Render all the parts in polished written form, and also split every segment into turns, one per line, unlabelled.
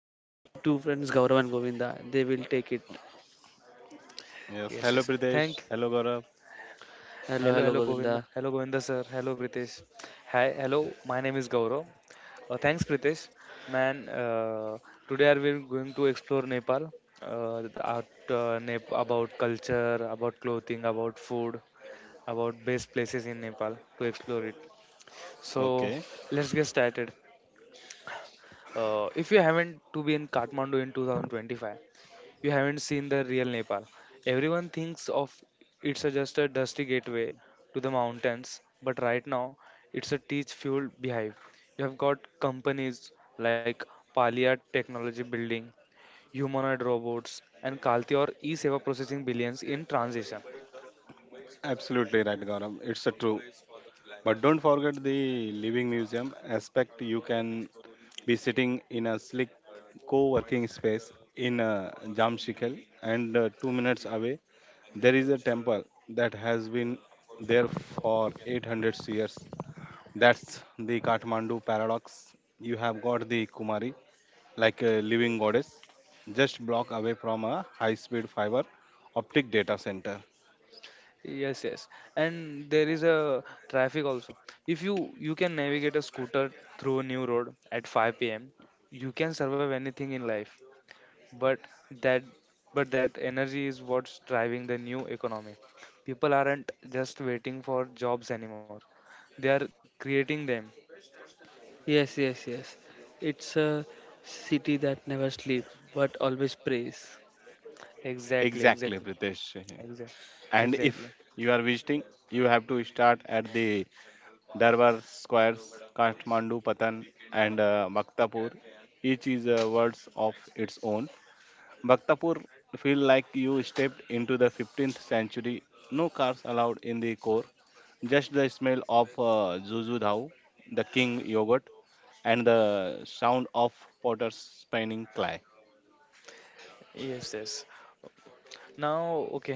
With me, my two friends Gaurav and Govinda. They will take it.
Yes,
Yes,
hello
yes.
Pridesh.
Thank.
Hello Gaurav.
Hello,
Hello,
hello
hello, Govinda.
Govinda.
Hello, Govinda sir. Hello, Pritesh. Hi, hello. My name is Gaurav. Thanks, Pritesh. Man, today we are going to explore Nepal. The art, about culture, about clothing, about food, about best places in Nepal to explore it. So
Okay,
let's get started. If you haven't to be in Kathmandu in 2025, you haven't seen the real Nepal. Everyone thinks of it's a just a dusty gateway to the mountains, but right now it's a teach fueled beehive. You have got companies like Palia Technology Building, humanoid robots, and Kalti or e-seva processing billions in transition.
absolutely right, Gaurav. It's a true. But don't forget the living museum aspect. You can be sitting in a slick co-working space in Jamshikal, and 2 minutes away there is a temple that has been there for 800 years. That's the Kathmandu paradox. You have got the Kumari, like a living goddess, just block away from a high speed fiber optic data center.
Yes, yes, and there is a traffic also. If you can navigate a scooter through a new road at 5 p.m., you can survive anything in life. but that but that energy is what's driving the new economy. People aren't just waiting for jobs anymore, they are creating them.
Yes, yes, yes. It's a city that never sleeps but always prays.
Exactly,
Exactly,
exactly,
Pritesh.
exactly,
And if
exactly.
you are visiting, you have to start at the Darbar Squares, Kathmandu, Patan, and Bhaktapur. Each is a words of its own. Bhaktapur feel like you stepped into the 15th century. No cars allowed in the core. Just the smell of Zuzu Dhau, the king yogurt, and the sound of potters spinning clay.
Yes, yes. Now, okay,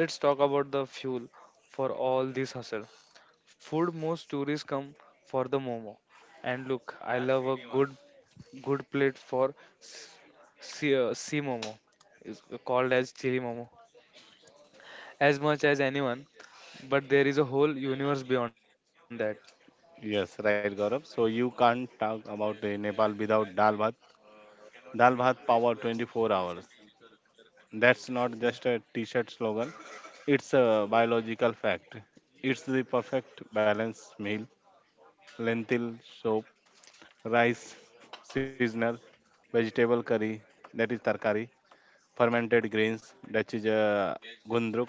let's talk about the fuel for all this hustle. Food, most tourists come for the momo, and look, I love a good plate for sea, sea, momo is called as chili momo as much as anyone, but there is a whole universe beyond that.
Yes, right, Gaurav. So you can't talk about the Nepal without dal bhat. Dal bhat power 24 hours. That's
Yeah.
not just a t-shirt slogan. It's a biological fact. It's the perfect balanced meal. Lentil soup, rice, seasonal, vegetable curry, that is tarkari, fermented grains, that is gundruk,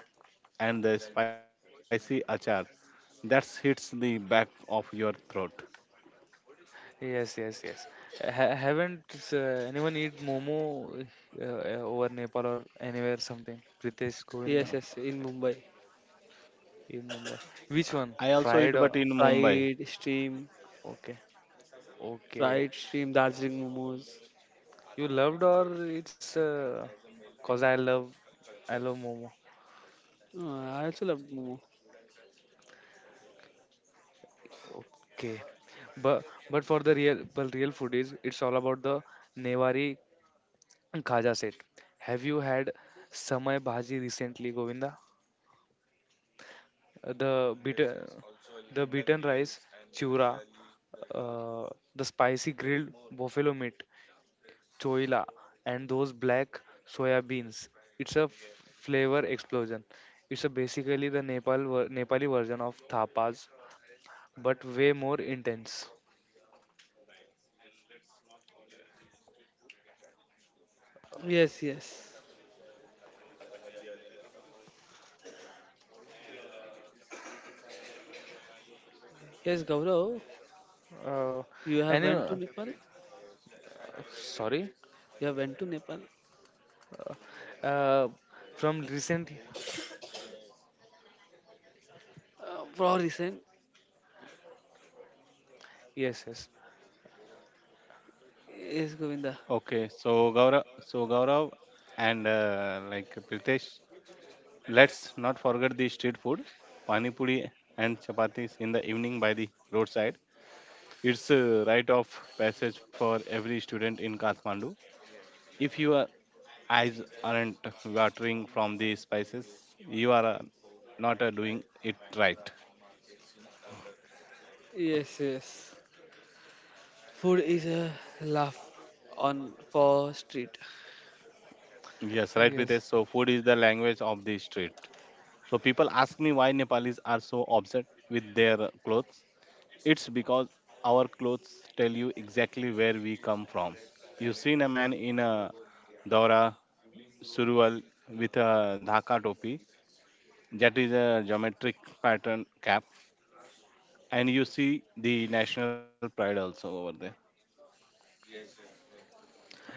and the spicy achar. That hits the back of your throat.
Yes, yes, yes. Haven't anyone eat momo uh, uh, over Nepal or anywhere something? Pritesh,
Yes,
Govinda?
yes, in Mumbai.
In Mumbai. Which one?
I also eat,
Fried
but in
or
Mumbai.
Fried stream,
okay, okay.
fried stream, Darjeeling momos.
You loved or it's cause I love momo.
Oh, I also love momo.
Okay, but but for the real food is it's all about the Newari Khaja said, "Have you had samai bhaji recently, Govinda? The beaten, the beaten rice, chura, uh, the spicy grilled buffalo meat, choila, and those black soya beans. It's a flavor explosion. It's a basically the Nepali version of tapas, but way more intense."
Yes, yes. Yes, Gaurav,
Uh,
you have went to
anyway,
Nepal?
sorry.
You have went to Nepal?
Uh, from recent,
For recent?
yes, yes,
Yes, Govinda.
Okay, so Gaurav, and like Pritesh, let's not forget the street food, pani puri and chapatis in the evening by the roadside. It's a rite of passage for every student in Kathmandu. If your eyes aren't watering from the spices, you are not doing it right.
Yes, yes. Food is a laugh on for street.
Yes, right, Pritesh.
yes.
So food is the language of the street. So people ask me why Nepalis are so obsessed with their clothes. It's because our clothes tell you exactly where we come from. You've seen a man in a Dora Surual with a Dhaka topi, that is a geometric pattern cap, and you see the national pride also over there.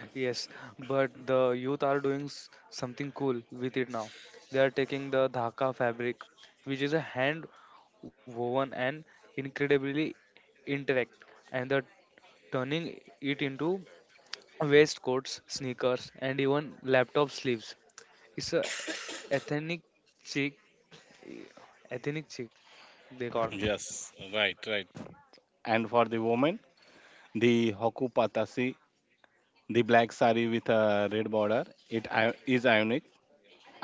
Yes, but the youth are doing something cool with it now. They are taking the Dhaka fabric, which is a hand woven and incredibly interact, and they're turning it into waistcoats, sneakers, and even laptop sleeves. It's a ethnic chic, ethnic chic they call.
Yes, right, right. And for the woman, the Hoku Patasi, the black sari with a red border, is ionic.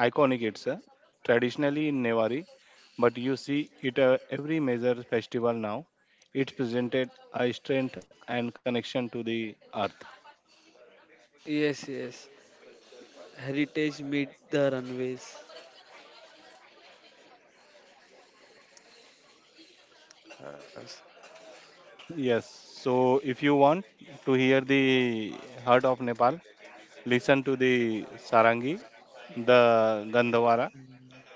Iconic. It's traditionally in Nevari, but you see it every major festival now. It presented a strength and connection to the earth.
Yes, yes. Heritage meet the runways.
Yes.
Yes, so if you want to hear the heart of Nepal, listen to the Sarangi, the Gandhavara,
Mm,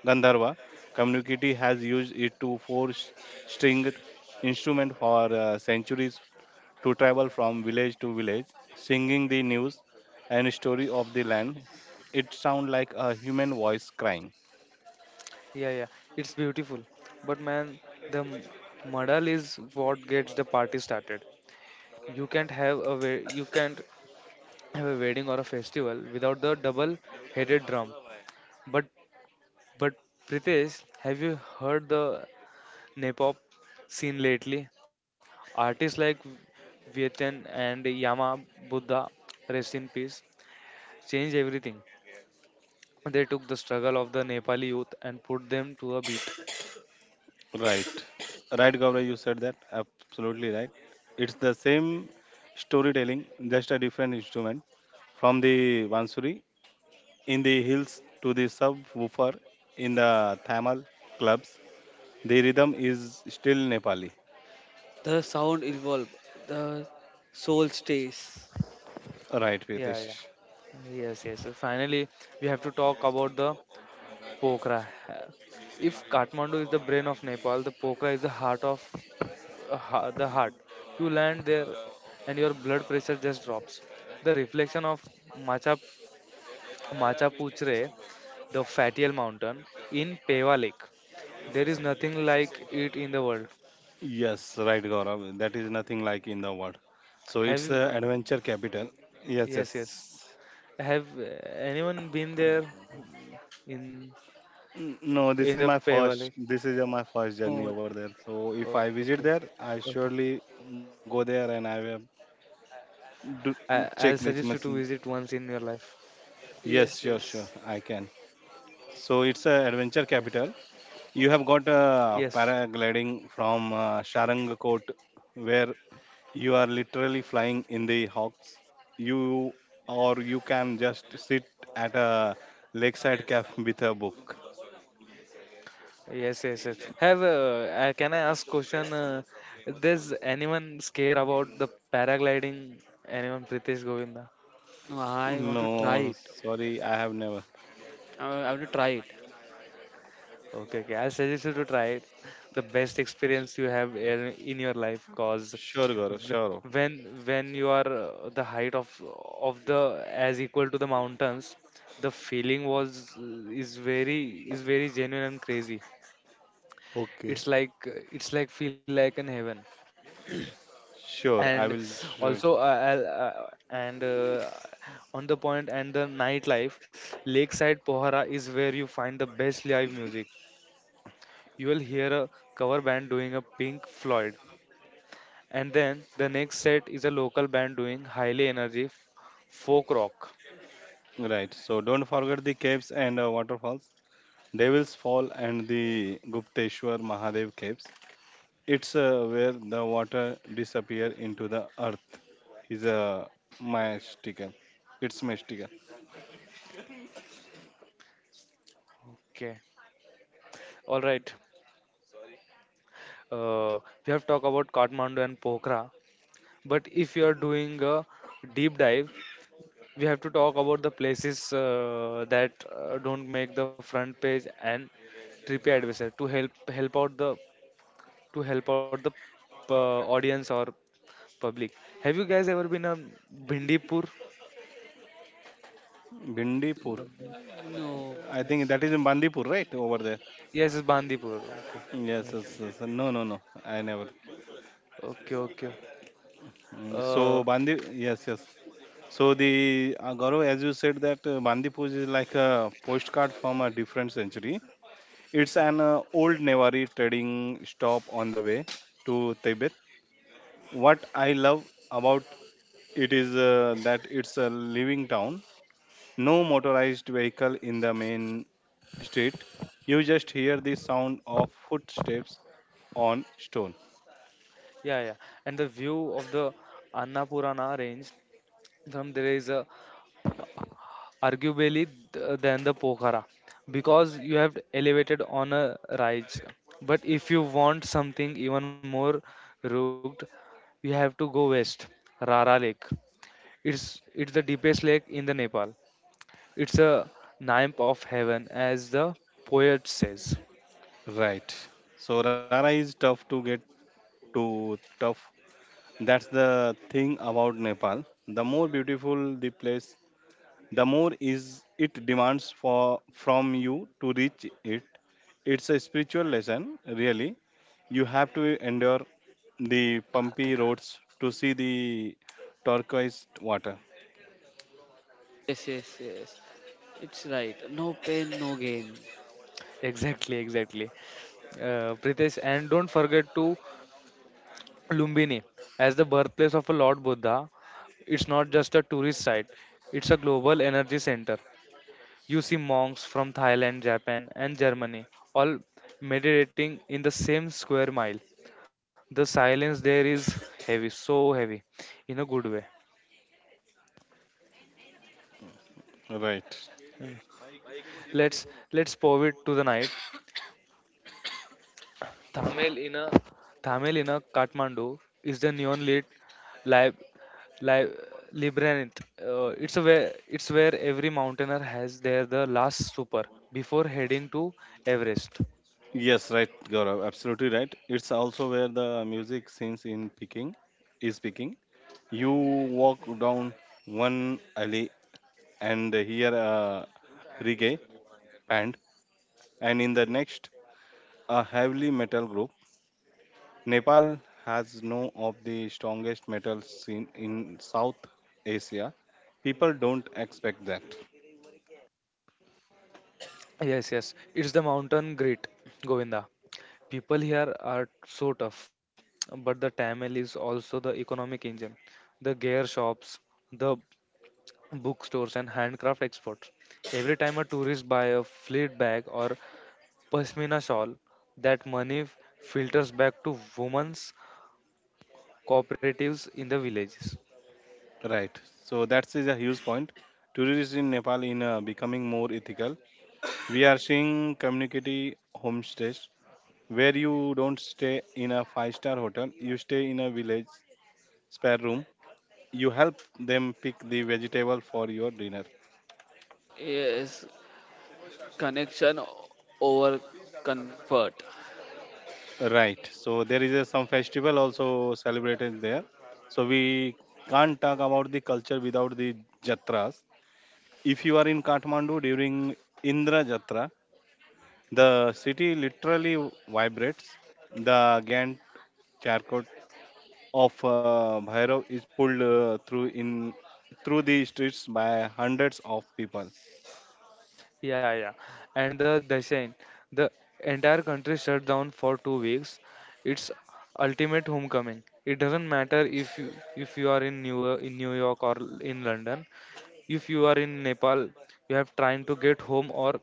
Gandharva community has used it to force stringed instrument for centuries to travel from village to village, singing the news and story of the land. It sounds like a human voice crying.
yeah, yeah, it's beautiful. But man, the madal is what gets the party started. You can't have a wedding or a festival without the double headed drum. But but Pritesh, have you heard the Nepop scene lately? Artists like Vietnam and Yama Buddha, rest in peace, changed everything. They took the struggle of the Nepali youth and put them to a beat.
Right. Right, Gaurav, you said that. Absolutely right. It's the same storytelling, just a different instrument. From the Bansuri in the hills to the subwoofer in the Thamal clubs, the rhythm is still Nepali.
The sound evolve. The soul stays.
Right,
Yeah,
Pritesh.
yeah. Yes, yes. So finally we have to talk about the Pokra. If Kathmandu is the brain of Nepal, the Pokhara is the heart. You land there and your blood pressure just drops. The reflection of Macha, Macha Puchre, the Fatial Mountain, in Peva Lake. There is nothing like it in the world.
Yes, right, Gaurav. That is nothing like in the world. So
Have
it's
you,
the adventure capital. Yes,
yes, yes.
yes.
Have anyone been there in
No, this
in
is
the
my
Peva
first.
Lake?
This is my first journey
Oh,
over there. So if I
Okay,
visit there, I
okay.
surely go there and I will
I,
do,
I'll suggest you
check
to
this
visit once
machine.
in your life.
Yes,
yes,
sure, sure,
yes.
I can. So it's a
Yes,
adventure capital. You have got
yes.
paragliding from Sharangkot, where you are literally flying in the hawks. You or you can just sit at a lakeside cafe with a book.
Yes, yes, yes. Have Can I ask question? Does anyone scare about the paragliding? Anyone, Pritesh, Govinda?
No, I want to try
No,
it.
sorry, I have never.
I want to try it.
Okay, okay. I suggest you to try it. The best experience you have in your life, cause
Sure, Gaurav,
w-
sure.
when when you are the height of the as equal to the mountains, the feeling was is very genuine and crazy.
Okay.
It's like feel like in heaven. And
Sure, I will.
also
Sure.
I'll, and on the point and the nightlife, lakeside Pohara is where you find the best live music. You will hear a cover band doing a Pink Floyd, and then the next set is a local band doing highly energy folk rock.
Right. So don't forget the caves and waterfalls. Devil's Fall and the Gupteshwar Mahadev caves. It's where the water disappear into the earth. Is a mystical. It's mystical.
Okay, all right. uh, we have talked about Kathmandu and Pokhara, but if you are doing a deep dive, we have to talk about the places that don't make the front page and TripAdvisor to help out the audience or public. Have you guys ever been a Bindipur?
Bindipur.
Bandip-
No.
I think
Yes,
that is in Bandipur, right? Over there.
yes, it's Bandipur. Okay,
Yes, yes, yes. No, no, no. I never.
Okay, okay.
Mm, so
Uh,
Bandi, yes, yes. So the Gaurav, as you said, that Bandipur is like a postcard from a different century. It's an old Newari trading stop on the way to Tibet. What I love about it is that it's a living town. No motorized vehicle in the main street. You just hear the sound of footsteps on stone.
yeah, yeah. And the view of the Annapurana range from there is a arguably than the Pokhara because you have elevated on a rise. But if you want something even more rugged, you have to go west, Rara Lake. It's the deepest lake in the Nepal. It's a nymph of heaven, as the poet says.
Right. So Rara is tough to get to tough. That's the thing about Nepal. The more beautiful the place, the more is it demands for from you to reach it. It's a spiritual lesson, really. You have to endure the bumpy
Karthika.
roads to see the turquoise water.
Yes, yes, yes. It's right. No pain, no gain.
Exactly, exactly. Pritesh, and don't forget to Lumbini as the birthplace of a Lord Buddha. It's not just a tourist site; it's a global energy center. You see monks from Thailand, Japan, and Germany all meditating in the same square mile. The silence there is heavy, so heavy, in a good way.
Right.
Mm. Let's let's pivot to the night. Thamel in a Thamel in a Kathmandu is the neon lit lib lib labyrinth. It's where every mountaineer has their the last supper before heading to Everest.
Yes, right, Gaurav. Absolutely right. It's also where the music scenes in Peking is picking. You walk down one alley and hear a reggae band, and in the next, a heavily metal group. Nepal has no of the strongest metal scene in South Asia. People don't expect that.
Yes, yes, it's the mountain grit, Govinda. People here are so tough, but the Tamil is also the economic engine. The gear shops, the bookstores, and handcraft exports. Every time a tourist buy a fleet bag or pashmina shawl, that money filters back to women's cooperatives in the villages.
Right. So that is a huge point. Tourists in Nepal in becoming more ethical. We are seeing community homestays where you don't stay in a five-star hotel. You stay in a village spare room, you help them pick the vegetable for your dinner.
Yes. Connection over comfort.
Right, so there is a, some festival also celebrated there. So we can't talk about the culture without the jatras. If you are in Kathmandu during Indra Jatra, the city literally vibrates. The gantt charcot of Bhairav is pulled through in through the streets by hundreds of people.
Yeah, yeah. And the Dasein, the entire country shut down for 2 weeks. It's ultimate homecoming. It doesn't matter if you are in New York or in London. If you are in Nepal, you have trying to get home or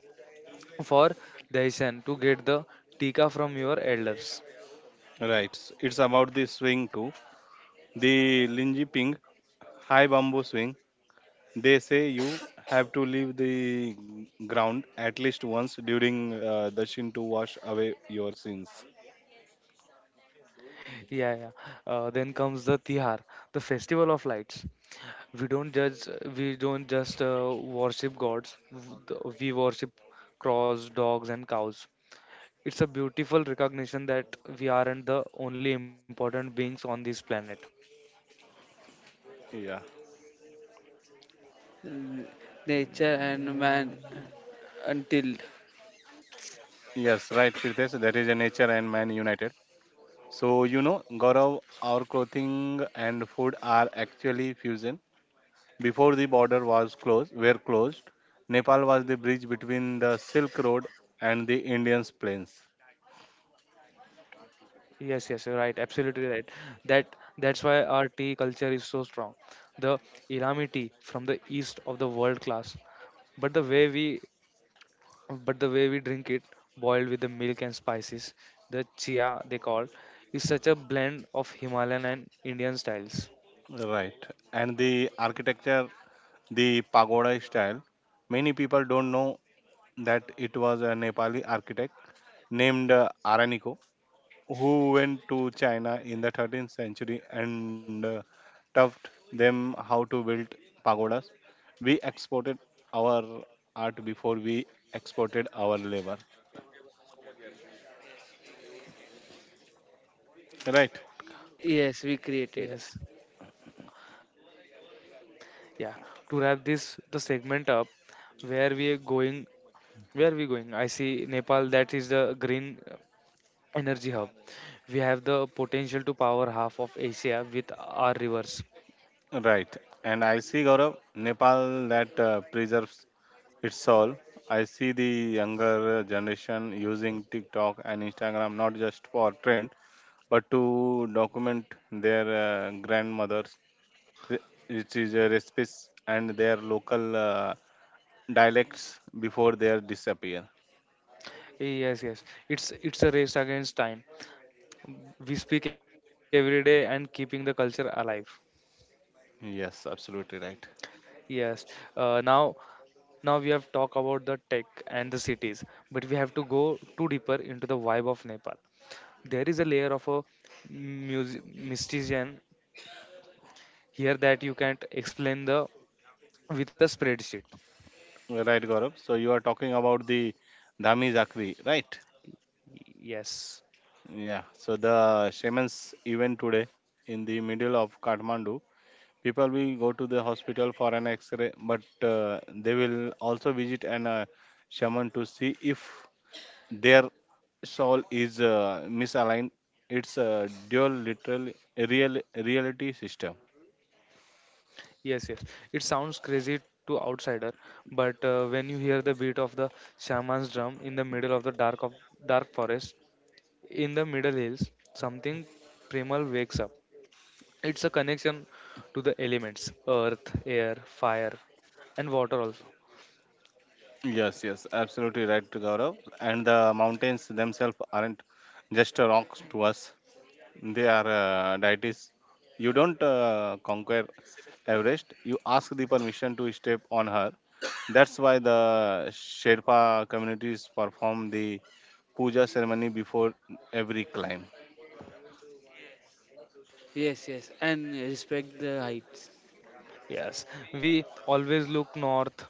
for Dasein to get the tika from your elders.
Right, it's about the swing too. The Linji Ping high bamboo swing, they say you have to leave the ground at least once during the shin to wash away your sins.
Yeah, yeah. Then comes the Tihar, the festival of lights. we don't judge we don't just worship gods, we worship crows, dogs, and cows. It's a beautiful recognition that we aren't the only important beings on this planet.
Yeah.
N- Nature and man
Mm,
until.
Yes, right, Pritesh. That is a nature and man united. So, you know, Gaurav, our clothing and food are actually fusion. Before the border was closed, were closed, Nepal was the bridge between the Silk Road and the Indian plains.
yes, yes, you're right, absolutely right. That's why our tea culture is so strong. The Irami tea from the east of the world class, but the way we drink it, boiled with the milk and spices, the chia they call, is such a blend of Himalayan and Indian styles.
Right. And the architecture the pagoda style. Many people don't know that it was a Nepali architect named Araniko who went to China in the 13th century and taught them how to build pagodas. We exported our art before we exported our labor. Right,
Yes, we created.
Yes. Yeah. To wrap this the segment up, where we are going where are we going? I see Nepal that is the green energy hub. We have the potential to power half of Asia with our rivers.
right. And I see Gaurav, Nepal that preserves its soul. I see the younger generation using TikTok and Instagram not just for trend but to document their grandmothers, re- which is recipes and their local dialects before they are disappear.
Yes, yes. It's a race against time. We speak every day and keeping the culture alive.
Yes, absolutely right.
Yes. uh, now Now we have talked about the tech and the cities, but we have to go too deeper into the vibe of Nepal. There is a layer of a mysticism here that you can't explain the with a spreadsheet.
You're right, Gaurav. So you are talking about the Dhami Zakri, right?
Yes,
Yeah. So the shaman's event today in the middle of Kathmandu. People will go to the hospital for an X-ray, but they will also visit an shaman to see if their Sol is misaligned its dual literal real reality system.
yes, yes. It sounds crazy to outsider, but when you hear the beat of the shaman's drum in the middle of the dark of dark forest, in the middle hills, something primal wakes up. It's a connection to the elements earth, air, fire, and water also.
Yes, yes, absolutely right, Gaurav. And the mountains themselves aren't just rocks to us; they are deities. You don't conquer Everest; you ask the permission to step on her. That's why the Sherpa communities perform the puja ceremony before every climb.
Yes, yes, and respect the heights.
Yes, we always look north,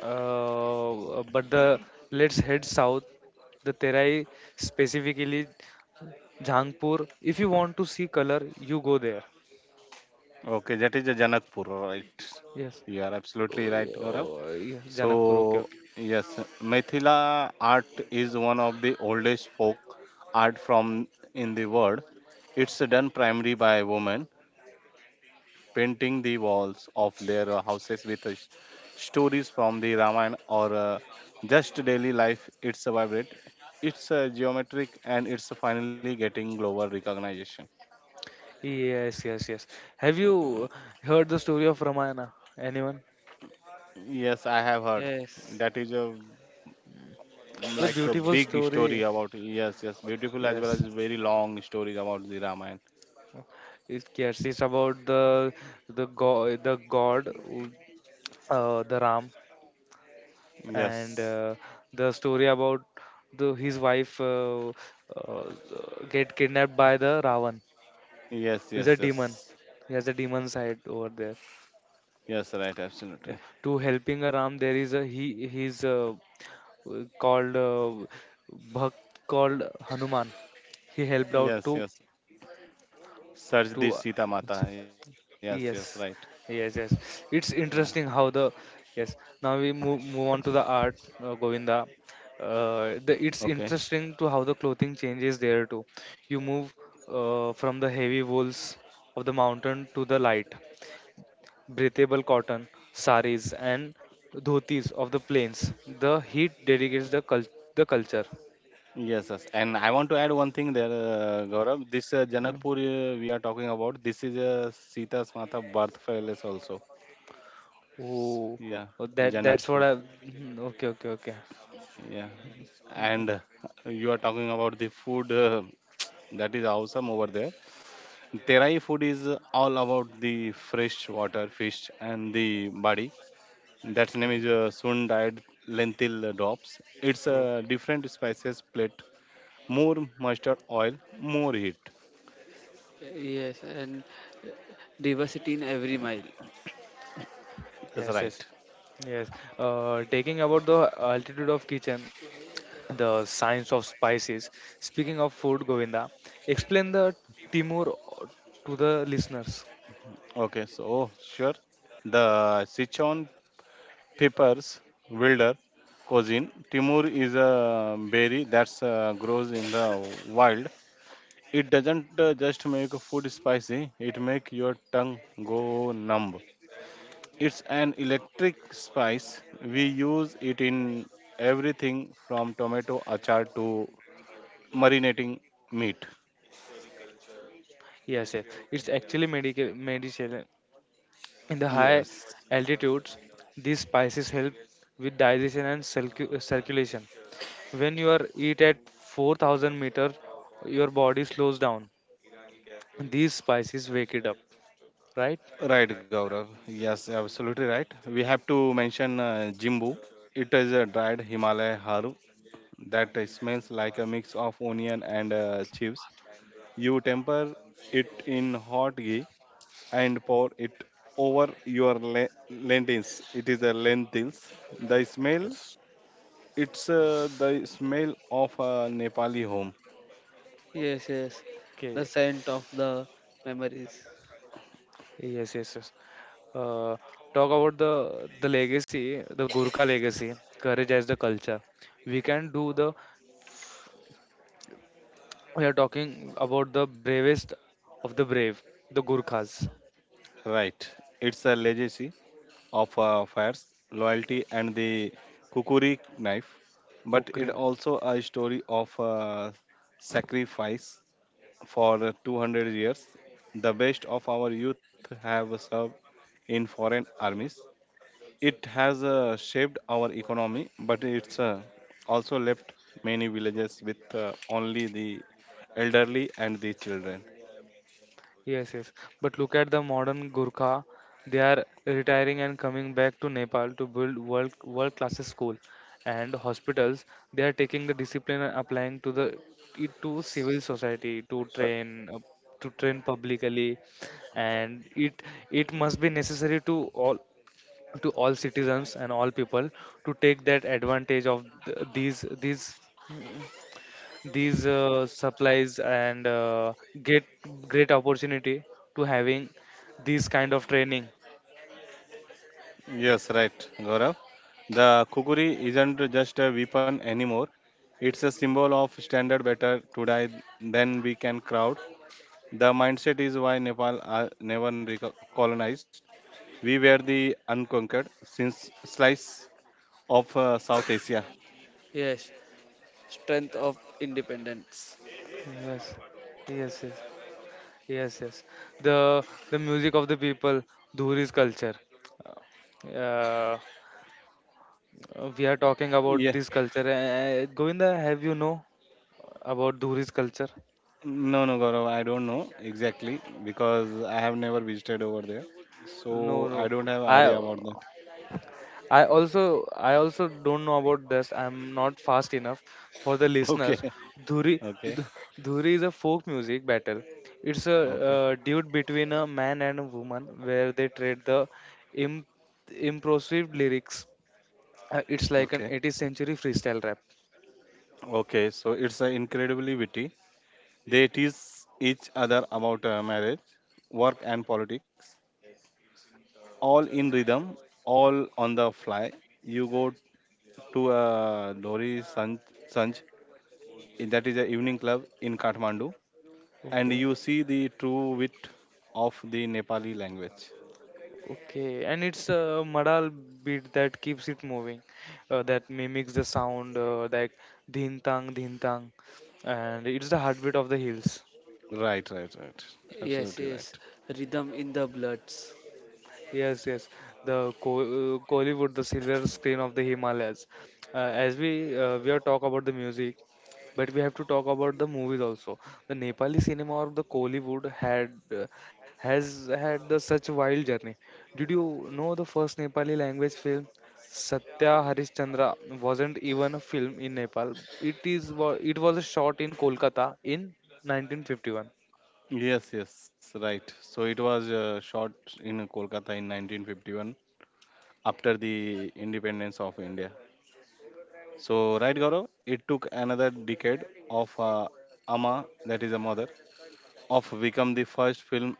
but the let's head south. The Terai, specifically Jangpur. If you want to see color, you go there.
Okay, that is the Janakpur, right?
Yes.
You are absolutely
Oh,
right,
yeah,
Gaurav.
oh, yeah, Janakpur. Okay,
So,
okay.
yes, Mithila art is one of the oldest folk art from in the world. It's done primarily by women painting the walls of their houses with stories from the Ramayana or just daily life. It's a vibrant, it's geometric, and it's finally getting global recognition.
Yes, yes, yes. Have you heard the story of Ramayana? Anyone?
Yes, I have heard.
Yes,
That is a mm,
The
like a
beautiful
big story
story.
about yes, yes, beautiful as well
Yes.
as very long stories about the Ramayana.
Yes, it's about the god, the Ram, and
Yes,
the story about the his wife uh, get kidnapped by the Ravan,
yes,
who is
yes,
a demon.
yes,
He has a demon side over there.
yes, right, absolutely.
Yeah. To helping a Ram, there is a he. He's called Bhakt called Hanuman. He helped out
Yes,
to
yes.
to
Search the Sita Mata. Yes, yes, right.
Yes, yes, yes.
Yeah.
It's interesting how the. Yes. Now we move on to the art, Govinda.
Okay.
It's interesting to how the clothing changes there too. You move from the heavy wools of the mountain to the light, breathable cotton, saris, and dhotis of the plains. The heat dedicates the culture.
Yes, yes. And I want to add one thing there, Gaurav. This
Mm,
Janakpur we are talking about. This is Sita's Mata birth palace also.
oh,
Yeah,
oh, that's what
Janakpur.
I. Mhm, okay, okay, okay.
Yeah.
Mm,
And you are talking about the food. That is awesome over there. Terai food is all about the freshwater fish and the body. That's name
okay.
is soon dyed lentil drops. It's a
Oh,
different spices plate. More mustard oil, more heat.
yes, and diversity in every mile.
That's
yes,
right.
yes. Yes, taking about the altitude of kitchen, the science of spices. Speaking of food, Govinda, explain the Timur to the listeners.
Okay, so sure. The Sichuan peppers, wilder cuisine. Timur is a berry that grows in the wild. It doesn't just make food spicy, it make your tongue go numb. It's an electric spice. We use it in everything from tomato achar to marinating meat.
Yes, yes, it's actually medical medicine. In the high
Yes,
altitudes, these spices help with digestion and circulation. When you are eat at 4,000 meters, your body slows down. These spices wake it up, right?
right, Gaurav. Yes, absolutely right. We have to mention Jimbu. It is a dried Himalaya haru that smells like a mix of onion and chives. You temper it in hot ghee and pour it over your lentils. It is a lentils. The smell.
Yes.
It's the smell of a Nepali home,
Yes, yes,
Okay.
the scent of the memories.
Yes, yes, yes. uh, Talk about the legacy, the Gurkha legacy, courage as the culture. We can do the. We are talking about the bravest of the brave, the Gurkhas.
right? It's a legacy of fires, loyalty, and the kukuri knife. But it
Kukrina.
also a story of sacrifice for 200 years. The best of our youth have served in foreign armies. It has shaped our economy, but it's also left many villages with only the elderly and the children.
Yes, yes. But look at the modern Gurkha. They are retiring and coming back to Nepal to build world class school and hospitals. They are taking the discipline and applying to the it to civil society
Uh,
to train publicly, and it must be necessary to all citizens and all people to take that advantage of these supplies and get great opportunity to having these kind of training.
Yes, right, Gaurav. The kukuri isn't just a weapon anymore. It's a symbol of standard better to die than we can crowd. The mindset is why Nepal are never colonized. We were the unconquered since slice of South Asia.
Yes, strength of independence.
Yes, yes, yes, yes, yes. The the music of the people, dhuri's culture. uh, we are talking about
Yeah,
this culture, Govinda, have you know about dhuri's culture?
no, no, Gaurav, I don't know exactly because I have never visited over there,
No,
so
no,
I don't have
i
idea about that.
I also I also don't know about this. I'm not fast enough for the
Okay,
listeners. Dhuri.
okay,
Dhuri is a folk music battle. It's a
okay,
dude between a man and a woman where they trade the imp- improsive lyrics. It's like an
okay.
80th century freestyle rap.
Okay, so it's an incredibly witty. They tease each other about marriage, work, and politics, all in rhythm, all on the fly. You go to a Lori Sanj, that is an evening club in Kathmandu, and
Okay.
you see the true wit of the Nepali language.
Okay, and it's a madal beat that keeps it moving, that mimics the sound like dhin tang, and it's the heartbeat of the hills.
Right.
Yes,
Absolutely
yes,
right.
rhythm in the bloods.
Yes, yes. The Kollywood, the silver screen of the Himalayas. As we are talk about the music, but we have to talk about the movies also. The Nepali cinema of the Kollywood had has had the such wild journey. Did you know the first Nepali language film, Satya Harishchandra, wasn't even a film in Nepal. It it was a shot in Kolkata in 1951.
Yes, yes, right. So it was shot in Kolkata in 1951 after the independence of India. So, right, Gaurav, it took another decade of Amma, that is a mother, of become the first film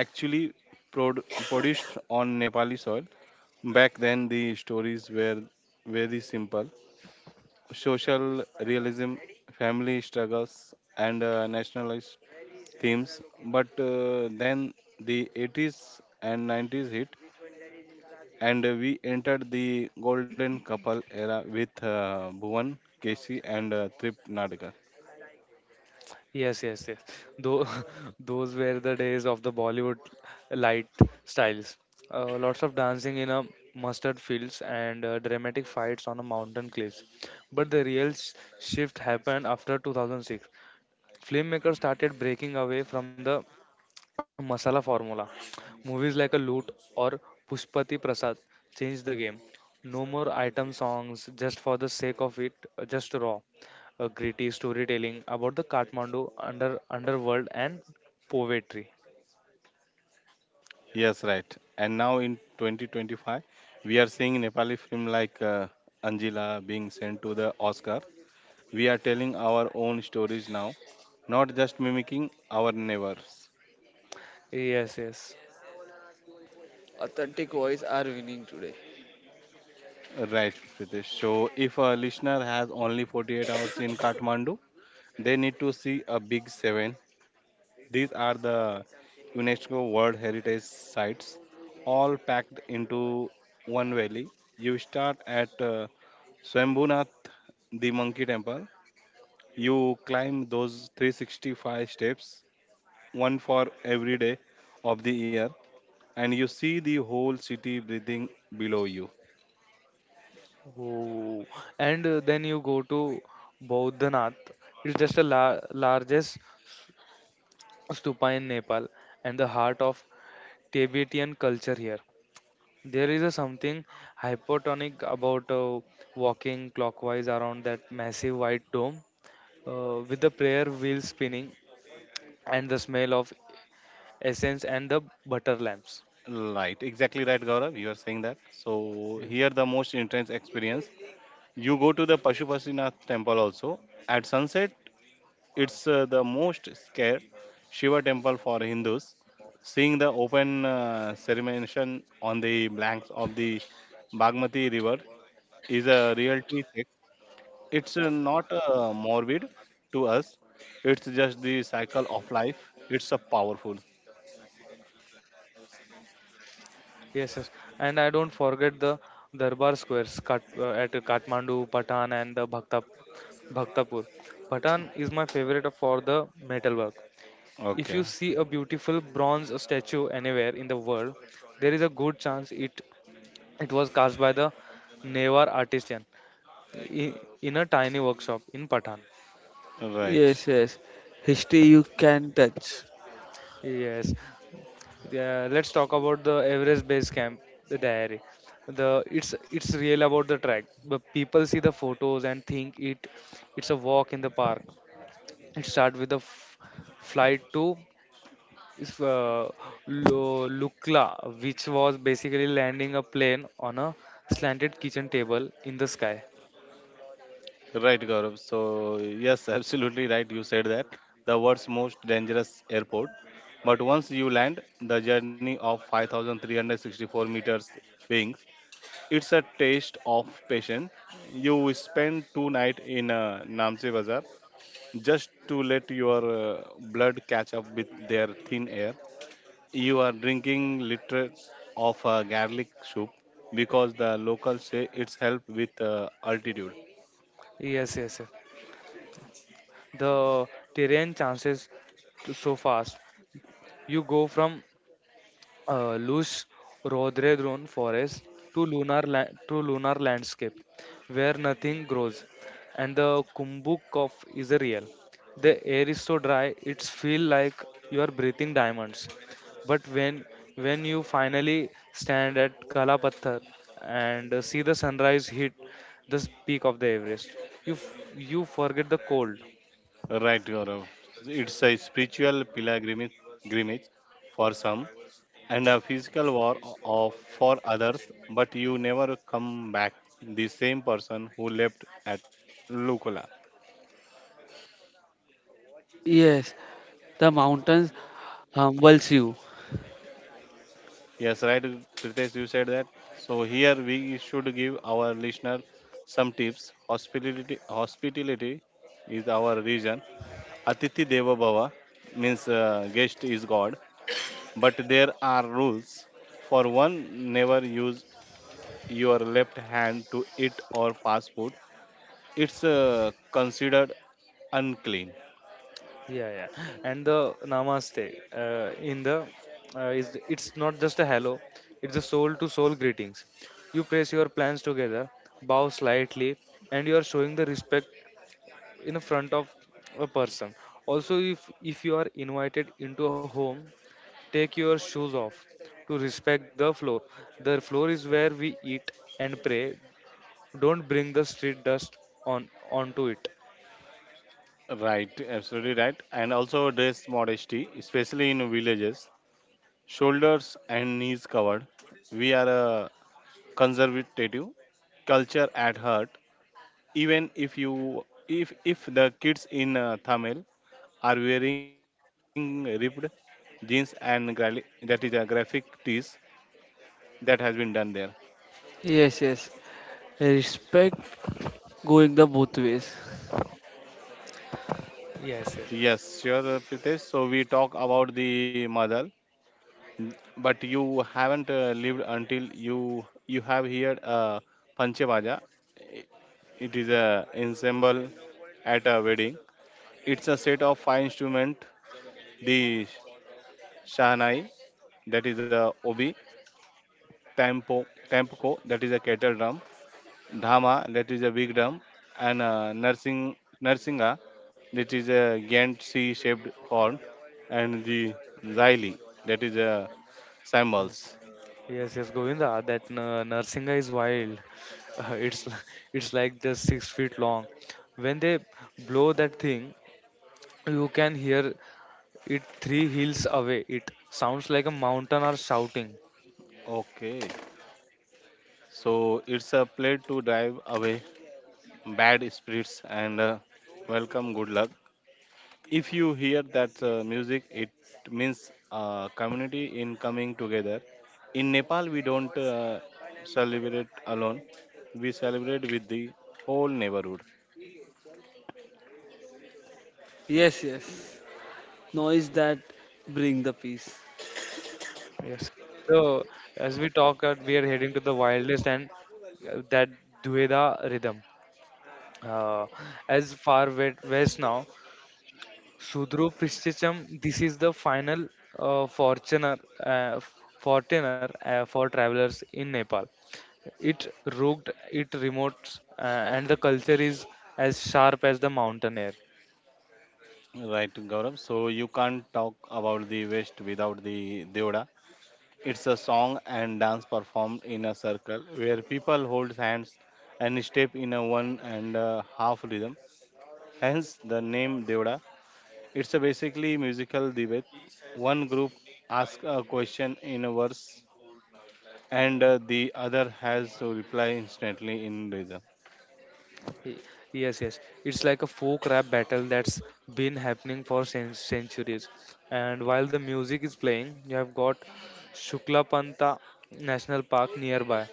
actually prod- produced on Nepali soil. Back then, the stories were very simple social realism, family struggles, and nationalist themes. But then the 80s and 90s hit, and we entered the golden couple era with Bhuvan Kesi and Trip Nadkar.
Yes, yes, yes. Though those were the days of the Bollywood light styles. Lots of dancing in a mustard fields and dramatic fights on a mountain cliffs. But the real shift happened after 2006. Filmmakers started breaking away from the a masala formula. Movies like a Loot or Pushpati Prasad changed the game. No more item songs just for the sake of it, just raw, gritty storytelling about the Kathmandu underworld and poetry.
Yes, right. And now in 2025, we are seeing Nepali film like Anjila being sent to the Oscar. We are telling our own stories now, not just mimicking our neighbors.
Yes, yes.
Authentic voice are winning today.
Right, Pritesh. So if a listener has only 48 hours in Kathmandu, they need to see a big seven. These are the UNESCO World Heritage Sites, all packed into one valley. You start at Swambhunath, the monkey temple. You climb those 365 steps, one for every day of the year, and you see the whole city breathing below you.
Oh. And then you go to Bodhanath. It's just a la largest stupa in Nepal and the heart of Tibetan culture here. There is a something hypotonic about walking clockwise around that massive white dome, with the prayer wheel spinning and the smell of essence and the butter lamps.
Right, exactly right, Gaurav. You are saying that. So here
Yes,
the most intense experience. You go to the Pashupasinath temple also. At sunset, it's the most scared Shiva temple for Hindus. Seeing the open ceremony on the banks of the Bagmati river is a reality check. It's not morbid to us. It's just the cycle of life. It's a powerful.
yes, yes. And I don't forget the Darbar squares, at Kathmandu, Patan, and the Bhaktapur. Patan is my favorite for the metalwork. If you see a
Okay,
beautiful bronze statue anywhere in the world, there is a good chance it was cast by the Newar artisan i- in a tiny workshop in Patan.
right
Yes, yes, history you can touch.
Yes. Yeah, let's talk about the Everest Base Camp, the diary. The it's real about the track. But people see the photos and think it's a walk in the park. It starts with a flight to is, uh, Lukla, which was basically landing a plane on a slanted kitchen table in the sky.
right, Gaurav. Yes, absolutely right, you said that, the world's most dangerous airport. But once you land, the journey of 5364 meters wings, it's a taste of patience. You spend two nights in Namche Bazaar just to let your blood catch up with their thin air. You are drinking liters of garlic soup because the locals say it's help with altitude.
Yes, yes, yes. The terrain chances so fast. You go from loose rhododendron forest to lunar landscape where nothing grows, and the Kumbuk cough is a real. The air is so dry, it's feel like you are breathing diamonds. But when you finally stand at Kalapathar and see the sunrise hit the peak of the Everest, you you forget the cold.
Right, Gaurav. It's a spiritual pilgrimage for some and a physical war of, for others, but you never come back the same person who left at Lukula.
Yes, the mountains humbles you.
Yes, right, Pritesh, you said that. So here we should give our listener some tips. Hospitality is our region. Atithi Deva Bhava means guest is God, but there are rules. For one, never use your left hand to eat or pass food. It's considered unclean.
Yeah, yeah. And the namaste in the is it's not just a hello, it's a soul to soul greetings. You place your plans together, bow slightly, and you are showing the respect in front of a person. Also, if you are invited into a home, take your shoes off to respect the floor. The floor is where we eat and pray. Don't bring the street dust on onto it.
Right, absolutely right. And also dress modesty, especially in villages. Shoulders and knees covered. We are a conservative culture at heart. Even if you, if the kids in Tamil are wearing ripped jeans and that is a graphic tees that has been done there.
Yes, yes, respect going the both ways.
Yes, yes.
Yes, sure, Pritesh. So we talk about the mother, but you haven't lived until you have heard Panchabaja. I- It is a ensemble at a wedding. It's a set of five instrument, the sh- shahnai, that is a obi, tampo, tampko, that is a kettle drum, Dhama, that is a big drum, and Narsinga, that is a giant C-shaped horn, and the Xyli, that is a cymbals.
Yes, yes, Govinda, that Narsinga is wild. It's it's like just six feet long. When they blow that thing, you can hear it three hills away. It sounds like a mountain are shouting.
Okay, so it's a play to drive away bad spirits and welcome good luck. If you hear that music, it means community in coming together. In Nepal, we don't celebrate alone; we celebrate with the whole neighborhood.
Yes, yes. Noise that bring the peace.
Yes. So as we talk, we are heading to the wildest and that Dueda rhythm. Uh, as west now Sudro Prishcham, this is the final uh, fortuner, uh, fortuner for travelers in Nepal. It rugged, it remote, and the culture is as sharp as the mountain air.
Right, Gaurav. So you can't talk about the West without the Devda. It's a song and dance performed in a circle where people hold hands and step in a one and a half rhythm. Hence the name Devda. It's a basically musical duet. One group asks a question in a verse and the other has to reply instantly in rhythm.
Y- Yes, yes. It's like a folk rap battle that's been happening for centuries. And while the music is playing, you have got Shukla Panta National Park nearby.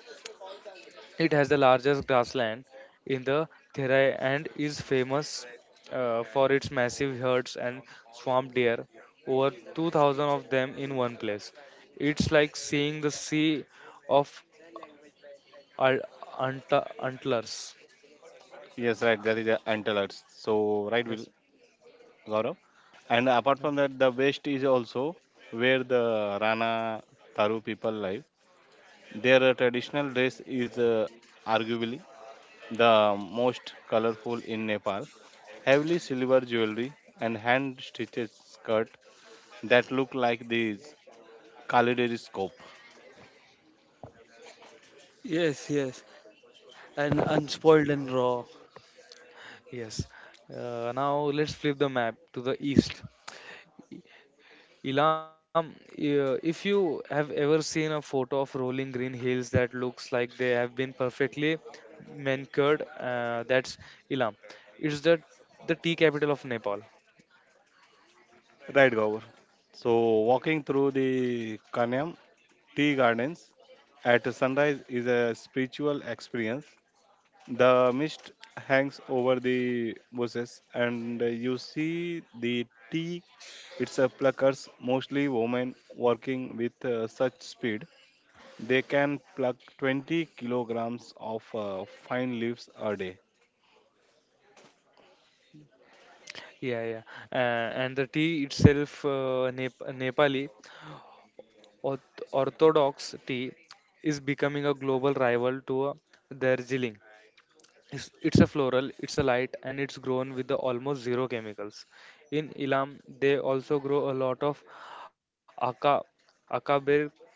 It has the largest grassland in the Therai and is famous for its massive herds and swamp deer, over 2000 of them in one place. It's like seeing the sea of al- antlers.
Yes, right. That is antelopes. So right, Will.
Yes.
Gaurav. And apart from that, the West is also where the Rana Taru people live. Their traditional dress is arguably the most colorful in Nepal. Heavily silver jewelry and hand stitched skirt that look like these kaleidoscope.
Yes, yes. And unspoiled and raw.
Yes. Now let's flip the map to the east. Ilam, if you have ever seen a photo of rolling green hills that looks like they have been perfectly manicured, that's Ilam. It's the tea capital of Nepal.
Right, Gaurav. So walking through the Kanyam tea gardens at sunrise is a spiritual experience. The mist hangs over the bushes, and you see the tea. It's a pluckers, mostly women, working with such speed. They can pluck 20 kilograms of fine leaves a day.
Yeah, yeah. And the tea itself, Nepali Orthodox tea, is becoming a global rival to Darjeeling. It's a floral, it's a light, and it's grown with the almost zero chemicals. In Ilam, they also grow a lot of aka, akabir,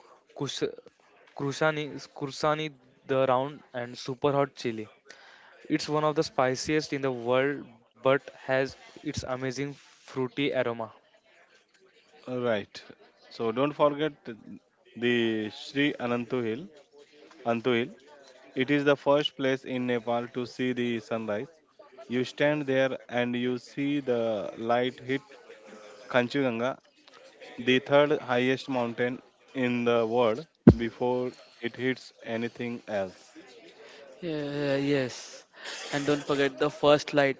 kush, kursani, the round, and super hot chili. It's one of the spiciest in the world, but has its amazing fruity aroma.
Right. So don't forget the Sri Anantu Hill. Antu Hill. It is the first place in Nepal to see the sunrise. You stand there and you see the light hit Kanchuganga, the third highest mountain in the world before it hits anything else.
Yeah, yes. And don't forget the first light,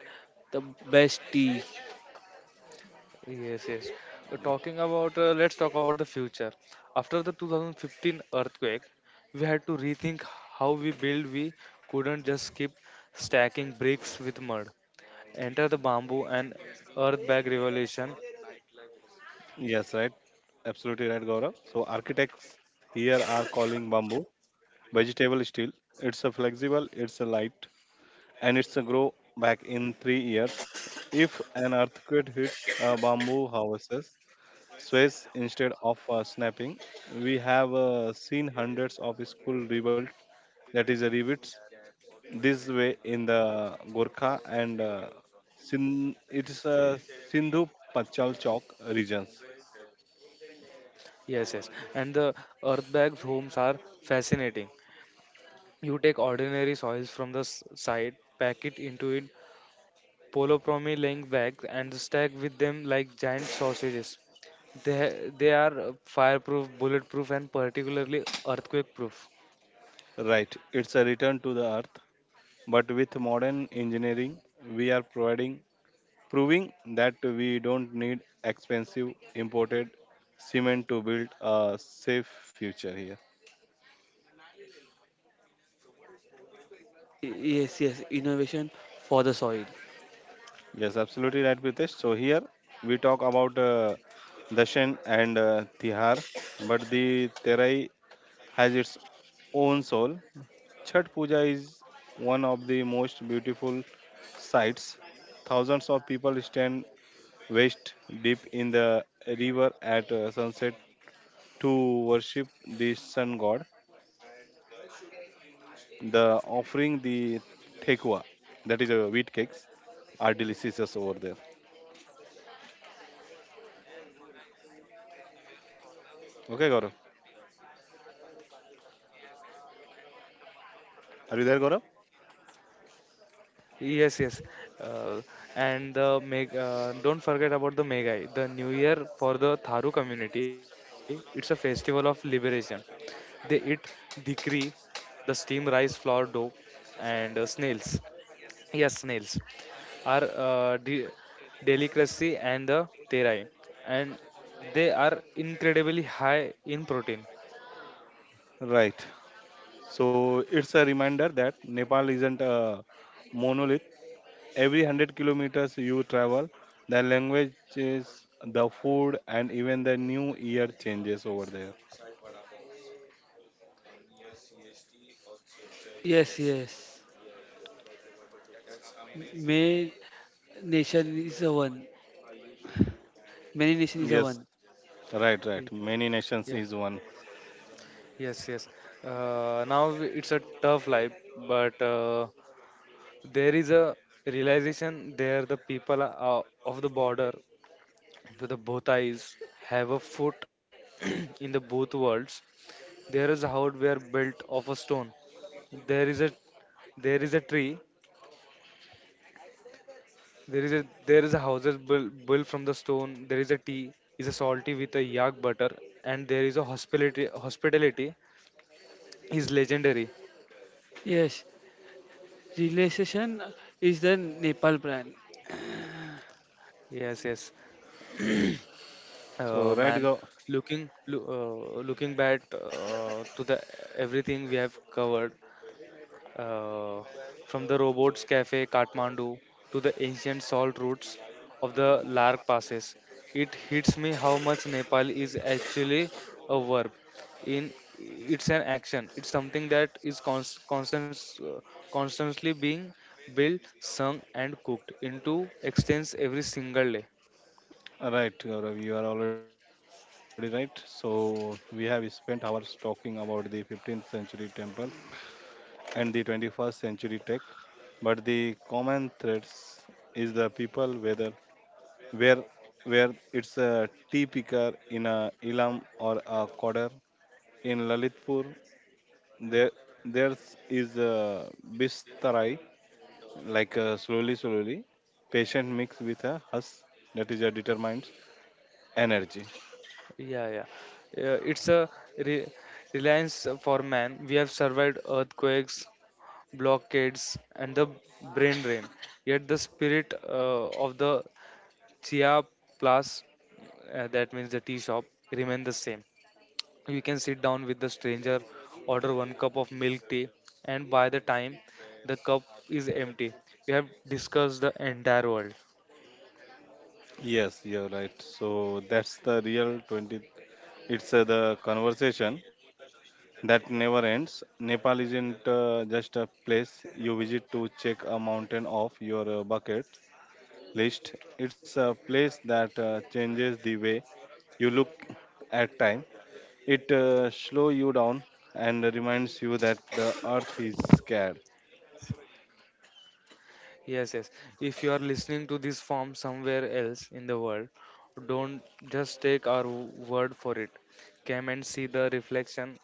the best tea.
Yes, yes. So talking about, let's talk about the future. After the 2015 earthquake, we had to rethink how we build. We couldn't just keep stacking bricks with mud. Enter the bamboo and earth bag revolution.
Yes, right. Absolutely right, Gaurav. So architects here are calling bamboo vegetable steel. It's a flexible, it's a light, and it's a grow back in 3 years. If an earthquake hits a bamboo houses, sways instead of snapping. We have seen hundreds of school rebuilt. That is a rebuilt this way in the Gorkha and it's a Sindhu Pachal Chok regions.
Yes, yes. And the earth bags homes are fascinating. You take ordinary soils from the side, pack it into it Polopromi laying back and stacked with them like giant sausages. They, they are fireproof, bulletproof, and particularly earthquake proof.
Right, it's a return to the earth, but with modern engineering, we are providing proving that we don't need expensive imported cement to build a safe future here.
Yes, yes. Innovation for the soil.
Yes, absolutely right, Pritesh. So here we talk about Dashan and Tihar, but the Terai has its own soul. Chhat Puja is one of the most beautiful sights. Thousands of people stand waist deep in the river at sunset to worship the sun god. The offering, the thekua, that is wheat cakes, are delicious over there. Okay, Gaurav, are you there, Gaurav?
Yes, yes. Uh, and don't forget about the Megai, the New Year for the Tharu community. It's a festival of liberation. They eat dhikri, the steamed rice flour dough, and snails. Yes, snails. Are delicacy and the terai, and they are incredibly high in protein.
Right. So it's a reminder that Nepal isn't a monolith. Every 100 kilometers you travel, the language is the food, and even the new year changes over there.
Yes, yes. May nation is a one. Many nation is a
Yes,
one.
right, right.
Y-
Many nations
Yes,
is one.
yes, yes. Now it's a tough life, but there is a realization there the people are, of the border to the both eyes have a foot in the both worlds. There is a house where built of a stone. There is a there is a tree. There is a houses built from the stone. There is a tea, is a salty with a yak butter, and there is a hospitality is legendary.
Yes. Relation is the Nepal brand.
Yes, yes,
So, right,
man.
go
Looking looking back to the everything we have covered, Uh, from the robots cafe Kathmandu to the ancient salt routes of the Lark passes, it hits me how much Nepal is actually a verb. In it's an action. It's something that is constant, constantly being built, sung, and cooked into extents every single day.
right, Gaurav, you are already right. So, we have spent hours talking about the 15th century temples and the 21st century tech, but the common threads is the people, whether where where it's a tea picker in a ilam or a coder in Lalitpur, there there's is a bistarai, like slowly, slowly, patient mix with a hus, that is a determined energy.
Yeah, yeah. It's a re- reliance for man. We have survived earthquakes, blockades, and the brain drain. Yet the spirit of the Chia Plus, that means the tea shop, remain the same. You can sit down with the stranger, order one cup of milk tea, and by the time the cup is empty, you have discussed the entire world.
Yes, you're right. So that's the real 20. It's the conversation that never ends. Nepal isn't just a place you visit to check a mountain off your bucket list. It's a place that changes the way you look at time. It slows you down and reminds you that the earth is scared.
Yes, yes. If you are listening to this from somewhere else in the world, don't just take our word for it. Come and see the reflection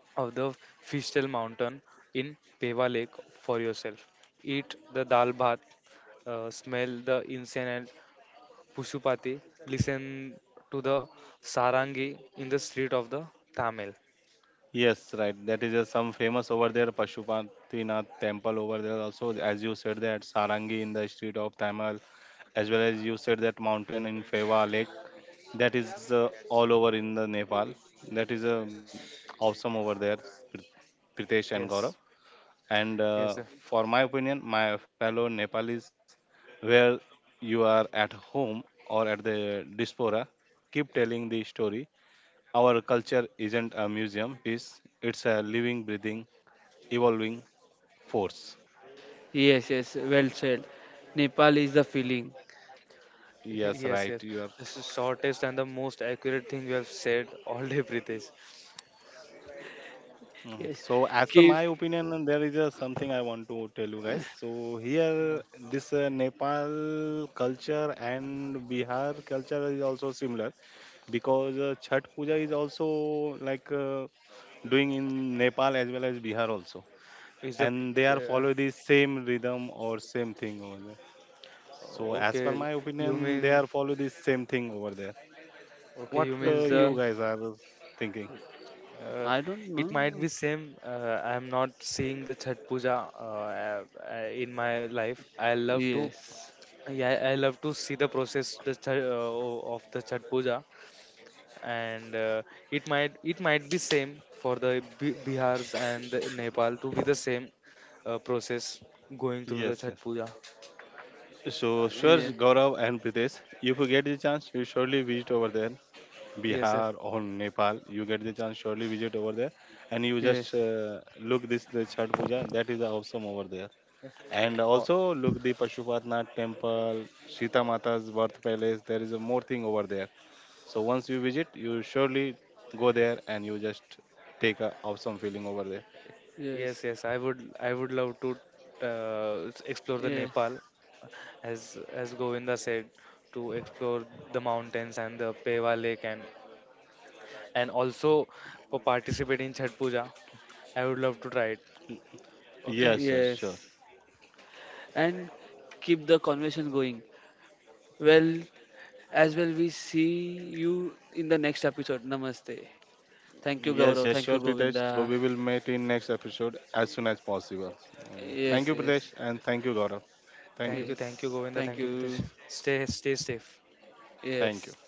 of the Fishtail Mountain in Peva Lake for yourself. Eat the dal bhat, smell the incense and pushupati, listen to the sarangi in the street of the Tamil.
Yes, right. That is some famous over there, Pashupatinath temple over there. Also, as you said that Sarangi in the street of Tamil, as well as you said that mountain in Feva Lake. That is all over in the Nepal. That is awesome over there, Prit- Pritesh and Gaurav.
Yes,
And
yes, sir.
for my opinion, my fellow Nepalis, where you are at home or at the diaspora, keep telling the story. Our culture isn't a museum piece; it's a living, breathing, evolving force.
Yes, yes. Well said. Nepal is the feeling.
Yes,
Yes,
right.
yes.
You are.
This is shortest and the most accurate thing you have said all day, Pritesh.
Mm.
Yes.
So, as per
Cave.
my opinion, and there is something I want to tell you guys. So, here,
No.
this Nepal culture and Bihar culture is also similar, because Chhat Puja is also like doing in Nepal as well as Bihar also,
Is the
and they are
uh,
follow the same rhythm or same thing over there. So as per
okay?
my
You
opinion, they
mean
are follow the same thing over there.
okay?
What
You means the
you
Okay.
guys are thinking?
uh,
I don't
it might
know.
be same. I'm not seeing the chat puja in my life. I love to,
Yes.
yeah, I love to see the process the of the chat puja and it might be same for the bihars and the nepal to be the same process going through the
Yes,
chat
yes.
puja.
So sure,
Yes.
Gaurav and Pritesh, if you get the chance, you surely visit over there,
Yes, sir.
Bihar or Nepal. You get the chance, surely visit over there, and you just
Yes.
look this the Chhat Puja. That is awesome over there. And
Yeah.
also look the Pashupatnath temple, Sita Mata's birth palace. There is a more thing over there. So once you visit, you surely go there and you just take a awesome feeling over there.
Yes.
Yes, yes, I would love to explore the
Yes.
Nepal, as Govinda said, to explore the mountains and the Pewa Lake, and also for participate in Chhat Puja. I would love to try it. Okay.
Yes, yes, sure.
Yes. And keep the conversation going. Well, as well, we see you in the next episode. Namaste. Thank you,
Yes,
Yes,
Gaurav.
yes,
yes,
Thank
sure,
you,
Pritesh. So
Govinda.
we will meet in next episode as soon as possible. So, thank
yes.
Yes.
you, Pritesh,
Yes.
and thank you, Gaurav. Thank you,
Thank you,
Yes.
Govinda. Thank you,
Thank
Pritesh.
you.
Stay safe.
Yes.
thank you.